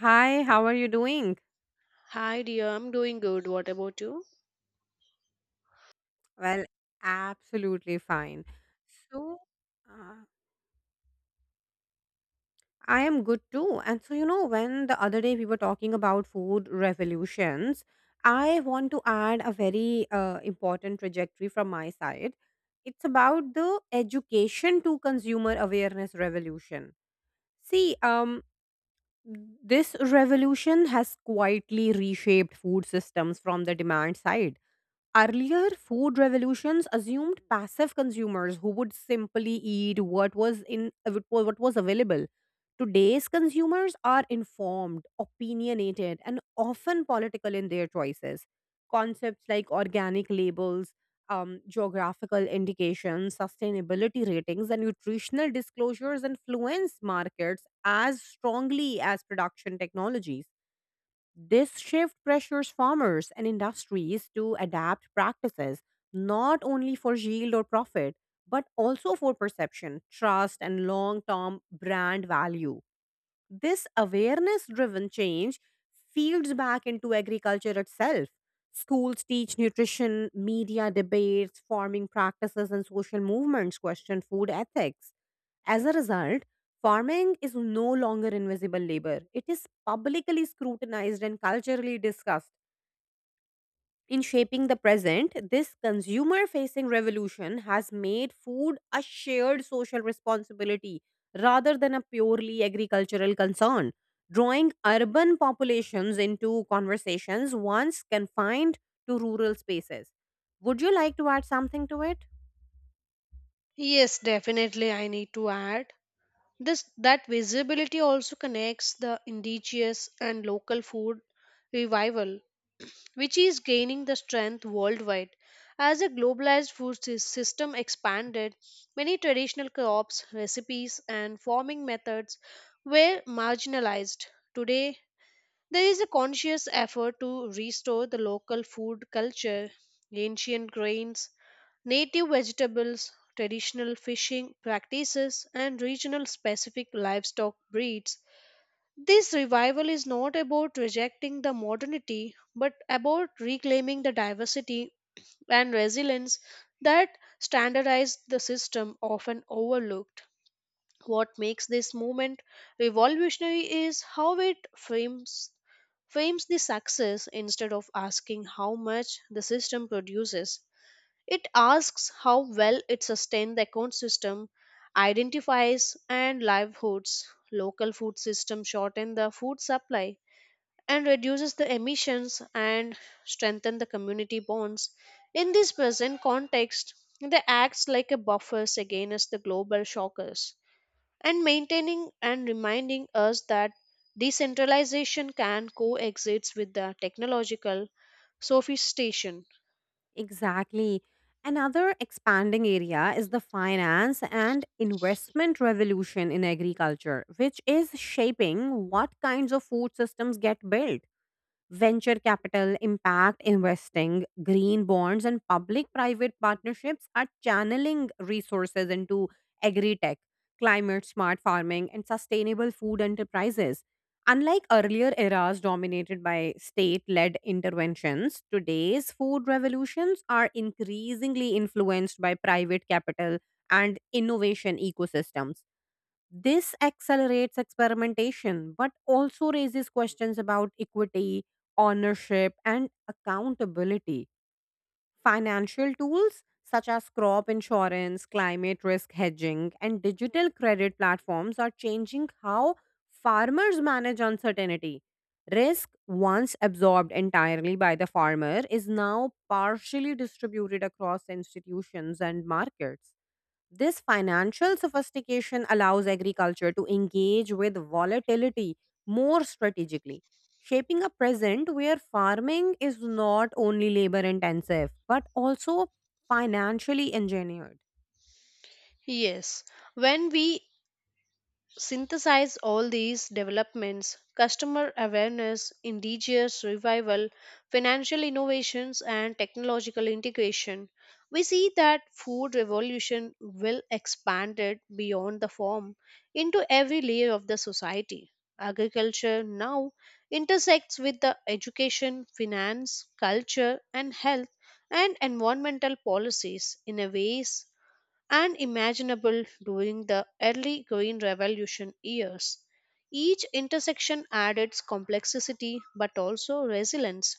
Hi, how are you doing? Hi dear, I'm doing good. What about you? Well, absolutely fine. So, uh, I am good too. And when the other day we were talking about food revolutions, I want to add a very important trajectory from my side. It's about the education to consumer awareness revolution. See, um, this revolution has quietly reshaped food systems from the demand side. Earlier, food revolutions assumed passive consumers who would simply eat what was available. Today's consumers are informed, opinionated, and often political in their choices. Concepts like organic labels, geographical indications, sustainability ratings, and nutritional disclosures influence markets as strongly as production technologies. This shift pressures farmers and industries to adapt practices not only for yield or profit, but also for perception, trust, and long term brand value. This awareness driven change fields back into agriculture itself. Schools teach nutrition, media debates, farming practices, and social movements question food ethics. As a result, farming is no longer invisible labor. It is publicly scrutinized and culturally discussed. In shaping the present, this consumer facing revolution has made food a shared social responsibility rather than a purely agricultural concern, drawing urban populations into conversations once confined to rural spaces. Would you like to add something to it? Yes, definitely I need to add. This that visibility also connects the indigenous and local food revival, which is gaining the strength worldwide. As a globalized system expanded, many traditional crops, recipes, and farming methods were marginalized. Today, there is a conscious effort to restore the local food culture, ancient grains, native vegetables, traditional fishing practices, and regional specific livestock breeds. This revival is not about rejecting the modernity but about reclaiming the diversity and resilience that standardized the system often overlooked. What makes this movement revolutionary is how it frames the success instead of asking how much the system produces. It asks how well it sustains the ecosystem, identifies and livelihoods, local food system shorten the food supply and reduces the emissions and strengthen the community bonds. In this present context, they acts like a buffers against the global shockers and maintaining and reminding us that decentralization can coexist with the technological sophistication. Exactly. Another expanding area is the finance and investment revolution in agriculture, which is shaping what kinds of food systems get built. Venture capital, impact investing, green bonds, and public private partnerships are channeling resources into agri tech, climate smart farming, and sustainable food enterprises. Unlike earlier eras dominated by state led interventions, today's food revolutions are increasingly influenced by private capital and innovation ecosystems. This accelerates experimentation, but also raises questions about equity, ownership, and accountability. Financial tools such as crop insurance, climate risk hedging, and digital credit platforms are changing how farmers manage uncertainty. Risk, once absorbed entirely by the farmer, is now partially distributed across institutions and markets. This financial sophistication allows agriculture to engage with volatility more strategically, shaping a present where farming is not only labor intensive but also financially engineered. Yes, when we synthesize all these developments customer awareness, indigenous revival, financial innovations, and technological integration we see that food revolution will expand it beyond the farm into every layer of the society. Agriculture now intersects with the education, finance, culture, and health and environmental policies in a ways unimaginable during the early Green Revolution years. Each intersection added complexity but also resilience.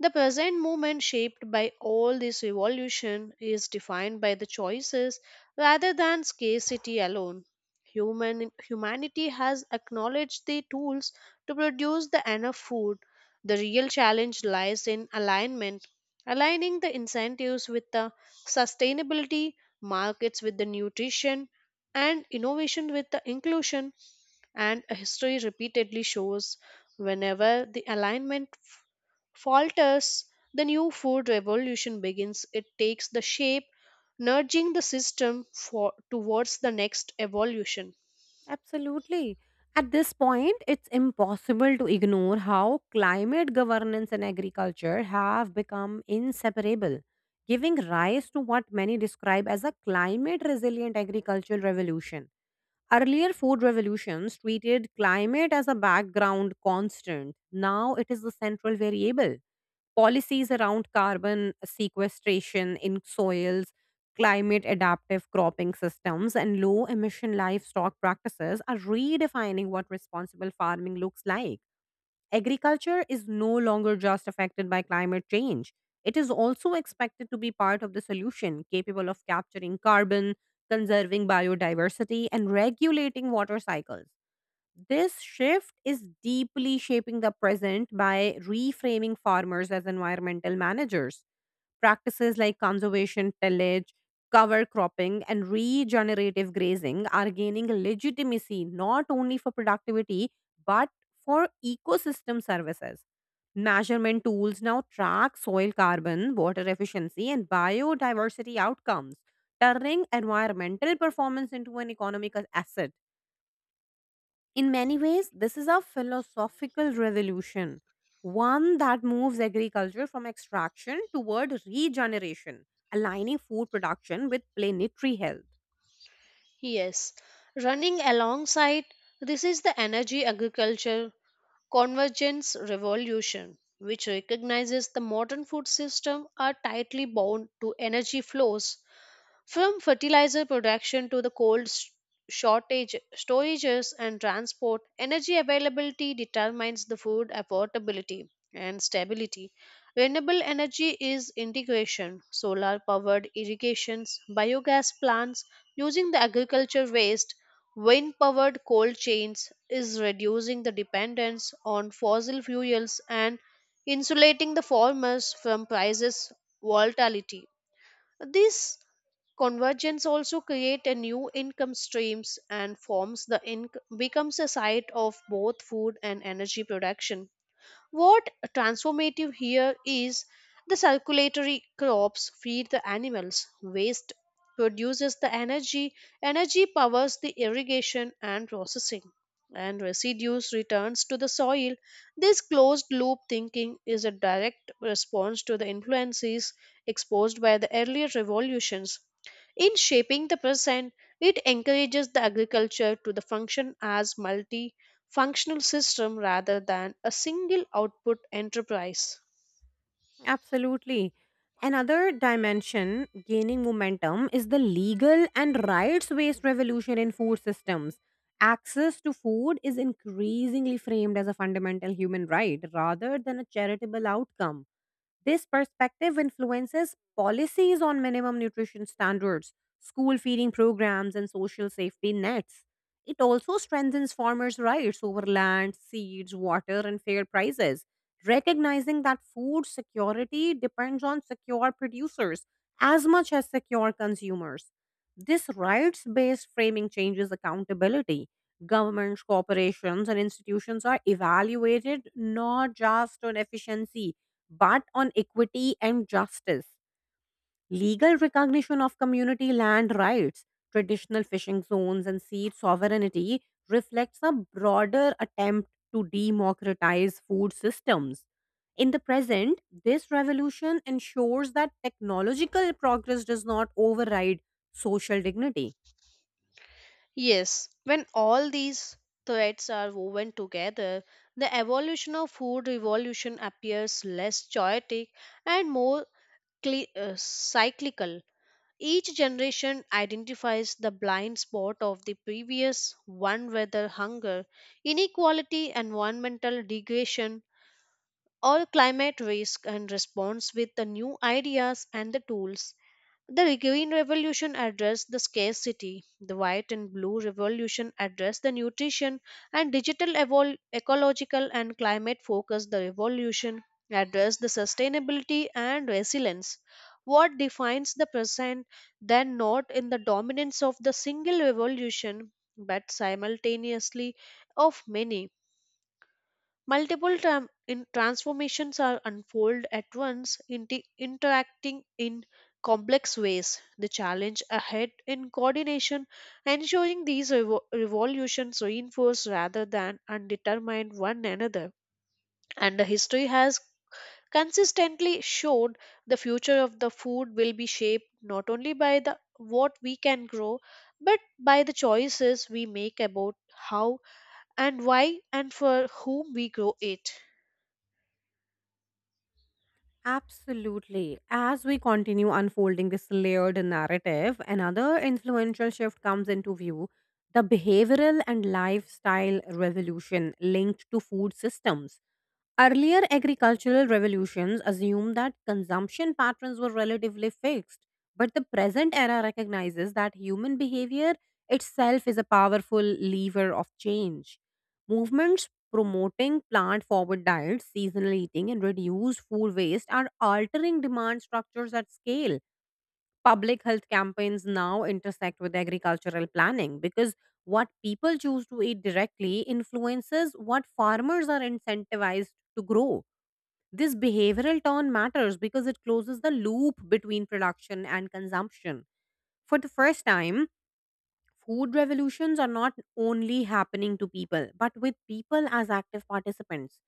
The present moment, shaped by all this evolution, is defined by the choices rather than scarcity alone. Humanity has acknowledged the tools to produce the enough food. The real challenge lies in alignment, aligning the incentives with the sustainability, markets with the nutrition, and innovation with the inclusion and history repeatedly shows whenever the falters, the new food revolution begins. It takes the shape, nudging the towards the next evolution. Absolutely. At this point, it's impossible to ignore how climate governance and agriculture have become inseparable, giving rise to what many describe as a climate resilient agricultural revolution. Earlier food revolutions treated climate as a background constant. Now it is the central variable. Policies around carbon sequestration in soils, climate adaptive cropping systems, and low emission livestock practices are redefining what responsible farming looks like. Agriculture is no longer just affected by climate change. It is also expected to be part of the solution, capable of capturing carbon, conserving biodiversity, and regulating water cycles. This shift is deeply shaping the present by reframing farmers as environmental managers. Practices like conservation tillage, cover cropping, and regenerative grazing are gaining legitimacy not only for productivity but for ecosystem services. Measurement tools now track soil carbon, water efficiency, and biodiversity outcomes, turning environmental performance into an economic asset. In many ways, this is a philosophical revolution, one that moves agriculture from extraction toward regeneration, aligning food production with planetary health. Yes, running alongside this is the energy agriculture convergence revolution, which recognizes the modern food system are tightly bound to energy flows. From fertilizer production to the shortage, storages, and transport, energy availability determines the food affordability and stability. Renewable energy is integration, solar powered irrigations, biogas plants using the agriculture waste, wind powered cold chains is reducing the dependence on fossil fuels and insulating the farmers from prices volatility. This convergence also create a new income streams and forms the becomes a site of both food and energy production. What transformative here is the circulatory crops feed the animals, waste produces the energy, energy powers the irrigation and processing, and residues returns to the soil. This closed loop thinking is a direct response to the influences exposed by the earlier revolutions. In shaping the present, it encourages the agriculture to the function as multi functional system rather than a single output enterprise. Absolutely. Another dimension gaining momentum is the legal and rights based revolution in food systems. Access to food is increasingly framed as a fundamental human right rather than a charitable outcome. This perspective influences policies on minimum nutrition standards, school feeding programs, and social safety nets. It also strengthens farmers' rights over land, seeds, water, and fair prices, recognizing that food security depends on secure producers as much as secure consumers. This rights based framing changes accountability. Governments, corporations, and institutions are evaluated not just on efficiency but on equity and justice. Legal recognition of community land rights, traditional fishing zones, and seed sovereignty reflects a broader attempt to democratize food systems. In the present, this revolution ensures that technological progress does not override social dignity. Yes, when all these threads are woven together, the evolution of food revolution appears less chaotic and more cyclical. Each generation identifies the blind spot of the previous one, whether hunger, inequality, environmental degradation, or climate risk, and responds with the new ideas and the tools. The Green Revolution addressed the scarcity, the White and Blue Revolution addressed the nutrition, and ecological and climate focused the revolution addressed the sustainability and resilience. What defines the present then not in the dominance of the single revolution but simultaneously of many. Multiple tram- in Transformations are unfold at once, interacting in complex ways. The challenge ahead in coordination, ensuring these revolutions reinforce rather than undetermine one another. And the history has consistently showed the future of the food will be shaped not only by the what we can grow, but by the choices we make about how and why and for whom we grow it. Absolutely. As we continue unfolding this layered narrative, another influential shift comes into view: the behavioral and lifestyle revolution linked to food systems. Earlier agricultural revolutions assumed that consumption patterns were relatively fixed, but the present era recognizes that human behavior itself is a powerful lever of change. Movements promoting plant forward diets, seasonal eating, and reduced food waste are altering demand structures at scale. Public health campaigns now intersect with agricultural planning because what people choose to eat directly influences what farmers are incentivized to grow. This behavioral turn matters because it closes the loop between production and consumption. For the first time, food revolutions are not only happening to people, but with people as active participants.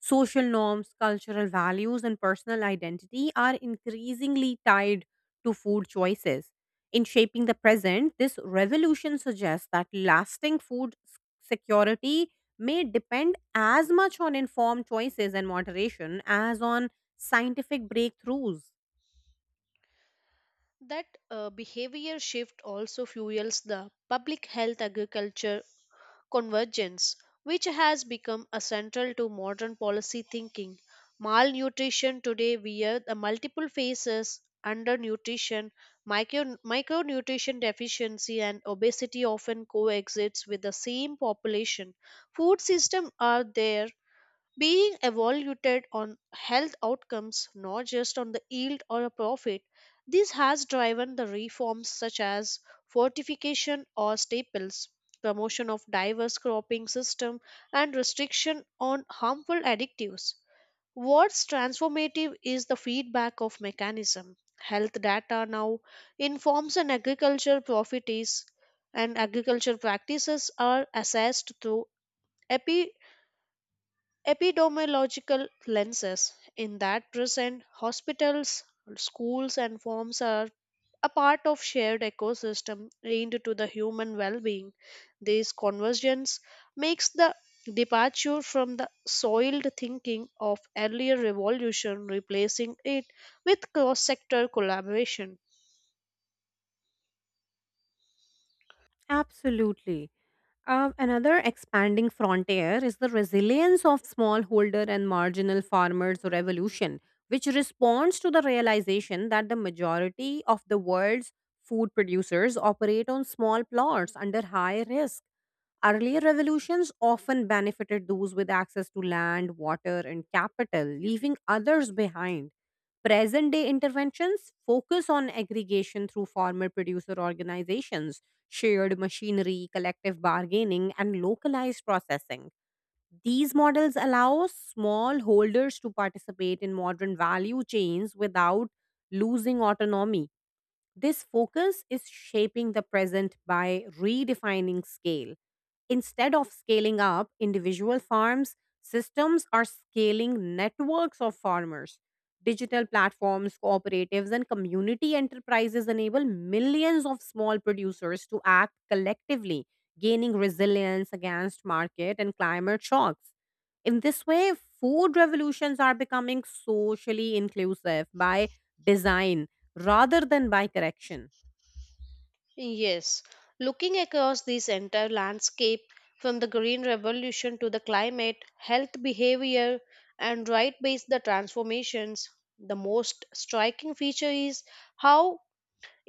Social norms, cultural values, and personal identity are increasingly tied to food choices. In shaping the present, this revolution suggests that lasting security may depend as much on informed choices and moderation as on scientific breakthroughs. That behavior shift also fuels the public health agriculture convergence, which has become a central to modern policy thinking. Malnutrition today via the multiple phases undernutrition, micronutrition deficiency, and obesity often coexists with the same population. Food systems are there being evaluated on health outcomes, not just on the yield or a profit. This has driven the reforms such as fortification or staples, promotion of diverse cropping system, and restriction on harmful additives. What's transformative is the feedback of mechanism. Health data now informs an agriculture profit is and agriculture practices are assessed through epi epidemiological lenses in that present hospitals schools and farms are a part of shared ecosystem linked to the human well-being. This convergence makes the departure from the soiled thinking of earlier revolution replacing it with cross-sector collaboration. Absolutely. Another expanding frontier is the resilience of smallholder and marginal farmers revolution, which responds to the realization that the majority of the world's food producers operate on small plots under high risk. Earlier revolutions often benefited those with access to land, water, and capital, leaving others behind. Present day interventions focus on aggregation through farmer producer organizations, shared machinery, collective bargaining, and localized processing. These models allow smallholders to participate in modern value chains without losing autonomy. This focus is shaping the present by redefining scale. Instead of scaling up individual farms, systems are scaling networks of farmers. Digital platforms, cooperatives, and community enterprises enable millions of small producers to act collectively, gaining resilience against market and climate shocks. In this way, food revolutions are becoming socially inclusive by design rather than by correction. Yes, looking across this entire landscape from the Green Revolution to the climate, health behavior, and right based the transformations, the most striking feature is how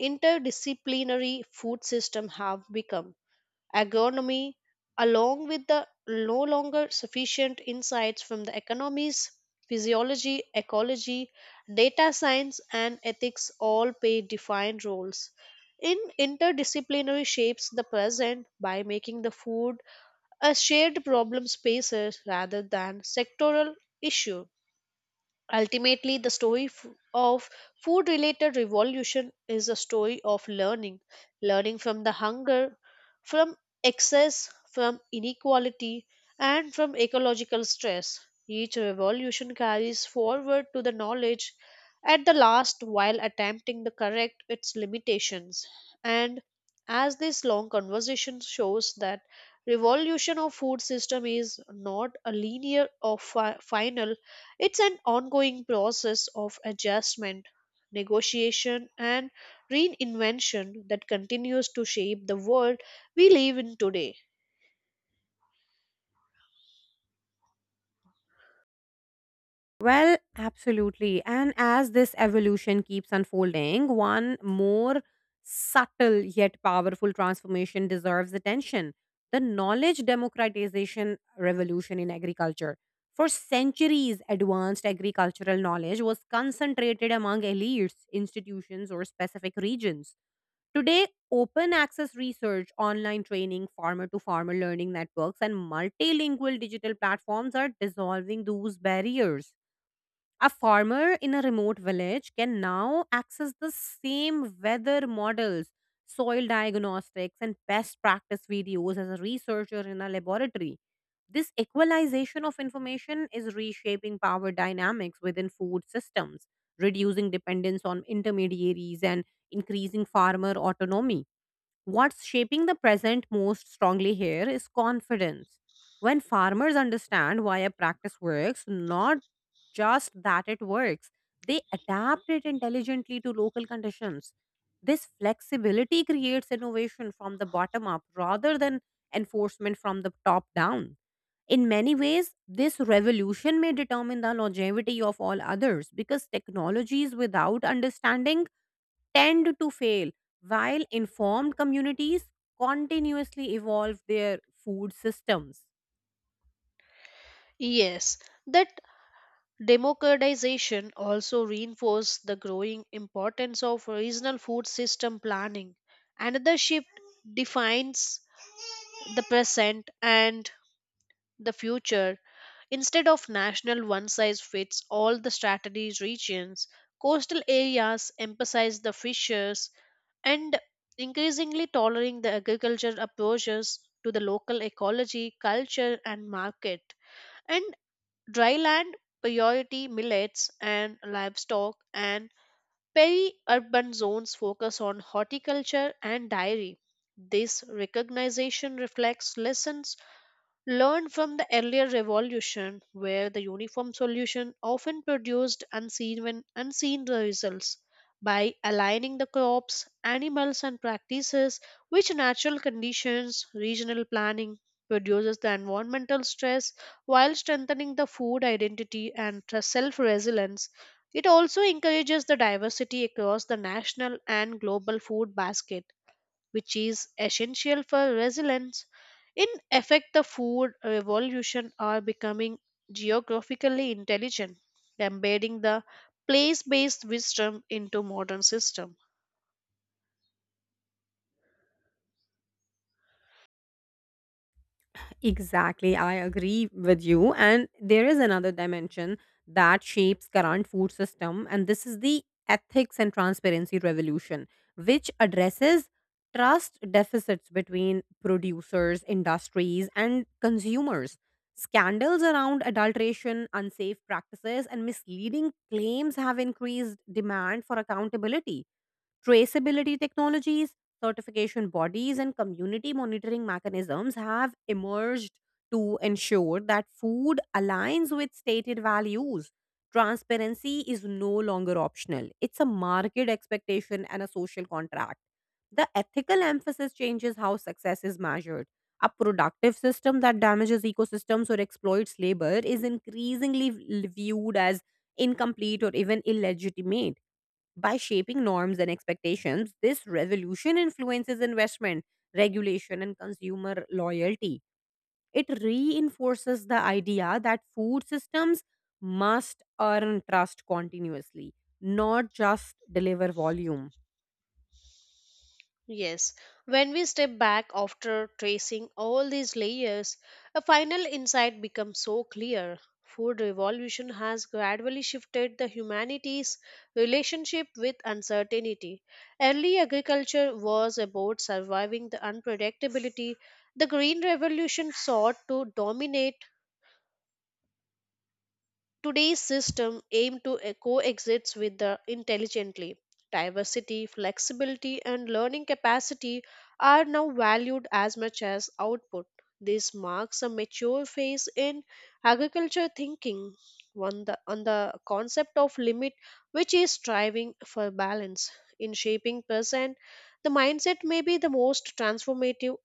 interdisciplinary food systems have become agronomy, along with the no longer sufficient insights from the economies, physiology, ecology, data science, and ethics all play defined roles. In interdisciplinary shapes the present by making the food a shared problem spaces rather than sectoral issue. Ultimately, the story of food related revolution is a story of learning, learning from the hunger, from excess, from inequality, and from ecological stress. Each revolution carries forward to the knowledge at the last while attempting to correct its limitations. And as this long conversation shows that revolution of food system is not a linear or final. It's an ongoing process of adjustment, negotiation, and reinvention that continues to shape the world we live in today. Well, absolutely. And as this evolution keeps unfolding, one more subtle yet powerful transformation deserves attention: the knowledge democratization revolution in agriculture. For centuries, advanced agricultural knowledge was concentrated among elites, institutions, or specific regions. Today, open access research, online training, farmer to farmer learning networks, and multilingual digital platforms are dissolving those barriers. A farmer in a remote village can now access the same weather models, soil diagnostics, and best practice videos as a researcher in a laboratory. This equalization of information is reshaping power dynamics within food systems, reducing dependence on intermediaries and increasing farmer autonomy. What's shaping the present most strongly here is confidence. When farmers understand why a practice works, not just that it works, they adapt it intelligently to local conditions. This flexibility creates innovation from the bottom up rather than enforcement from the top down. In many ways, this revolution may determine the longevity of all others, because technologies without understanding tend to fail, while informed communities continuously evolve their food systems. Yes, that democratization also reinforced the growing importance of regional food system planning. Another shift defines the present and the future. Instead of national one size fits all the strategies regions, coastal areas emphasize the fishers and increasingly tolerating the agriculture approaches to the local ecology, culture, and market. And dry land priority millets and livestock and peri-urban zones focus on horticulture and dairy. This recognition reflects lessons learned from the earlier revolution where the uniform solution often produced unseen when unseen results by aligning the crops animals and practices with natural conditions regional planning reduces the environmental stress while strengthening the food identity and self resilience it also encourages the diversity across the national and global food basket which is essential for resilience. In effect, the food revolution are becoming geographically intelligent, embedding the place-based wisdom into modern system. Exactly, I agree with you. And there is another dimension that shapes current food system, and this is the ethics and transparency revolution, which addresses trust deficits between producers, industries, and consumers. Scandals around adulteration, unsafe practices, and misleading claims have increased demand for accountability. Traceability technologies, certification bodies, and community monitoring mechanisms have emerged to ensure that food aligns with stated values. Transparency is no longer optional, it's a market expectation and a social contract. The ethical emphasis changes how success is measured. A productive system that damages ecosystems or exploits labor is increasingly viewed as incomplete or even illegitimate. By shaping norms and expectations, this revolution influences investment, regulation, and consumer loyalty. It reinforces the idea that food systems must earn trust continuously, not just deliver volume. Yes, when we step back after tracing all these layers, a final insight becomes so clear. Food revolution has gradually shifted the humanity's relationship with uncertainty. Early agriculture was about surviving the unpredictability. The green revolution sought to dominate. Today's system aim to coexist with the intelligently. Diversity, flexibility, and learning capacity are now valued as much as output. This marks a mature phase in agriculture thinking on the concept of limit, which is striving for balance. In shaping present, the mindset may be the most transformative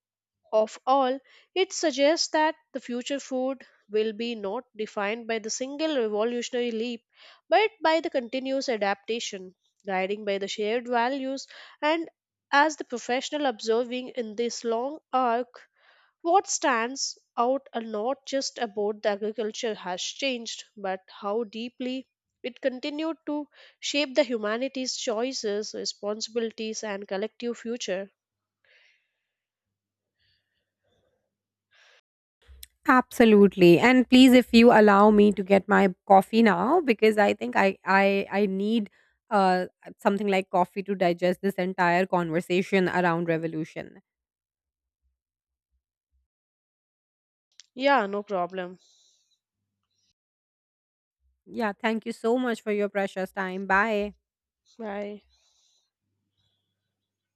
of all, it suggests that the future food will be not defined by the single revolutionary leap, but by the continuous adaptation, guiding by the shared values. And as the professional observing in this long arc, what stands out are not just about the agriculture has changed, but how deeply it continued to shape the humanity's choices, responsibilities, and collective future. Absolutely. And please, if you allow me to get my coffee now, because I think I need uh, something like coffee to digest this entire conversation around revolution. Yeah, no problem. Yeah, thank you so much for your precious time. Bye. Bye.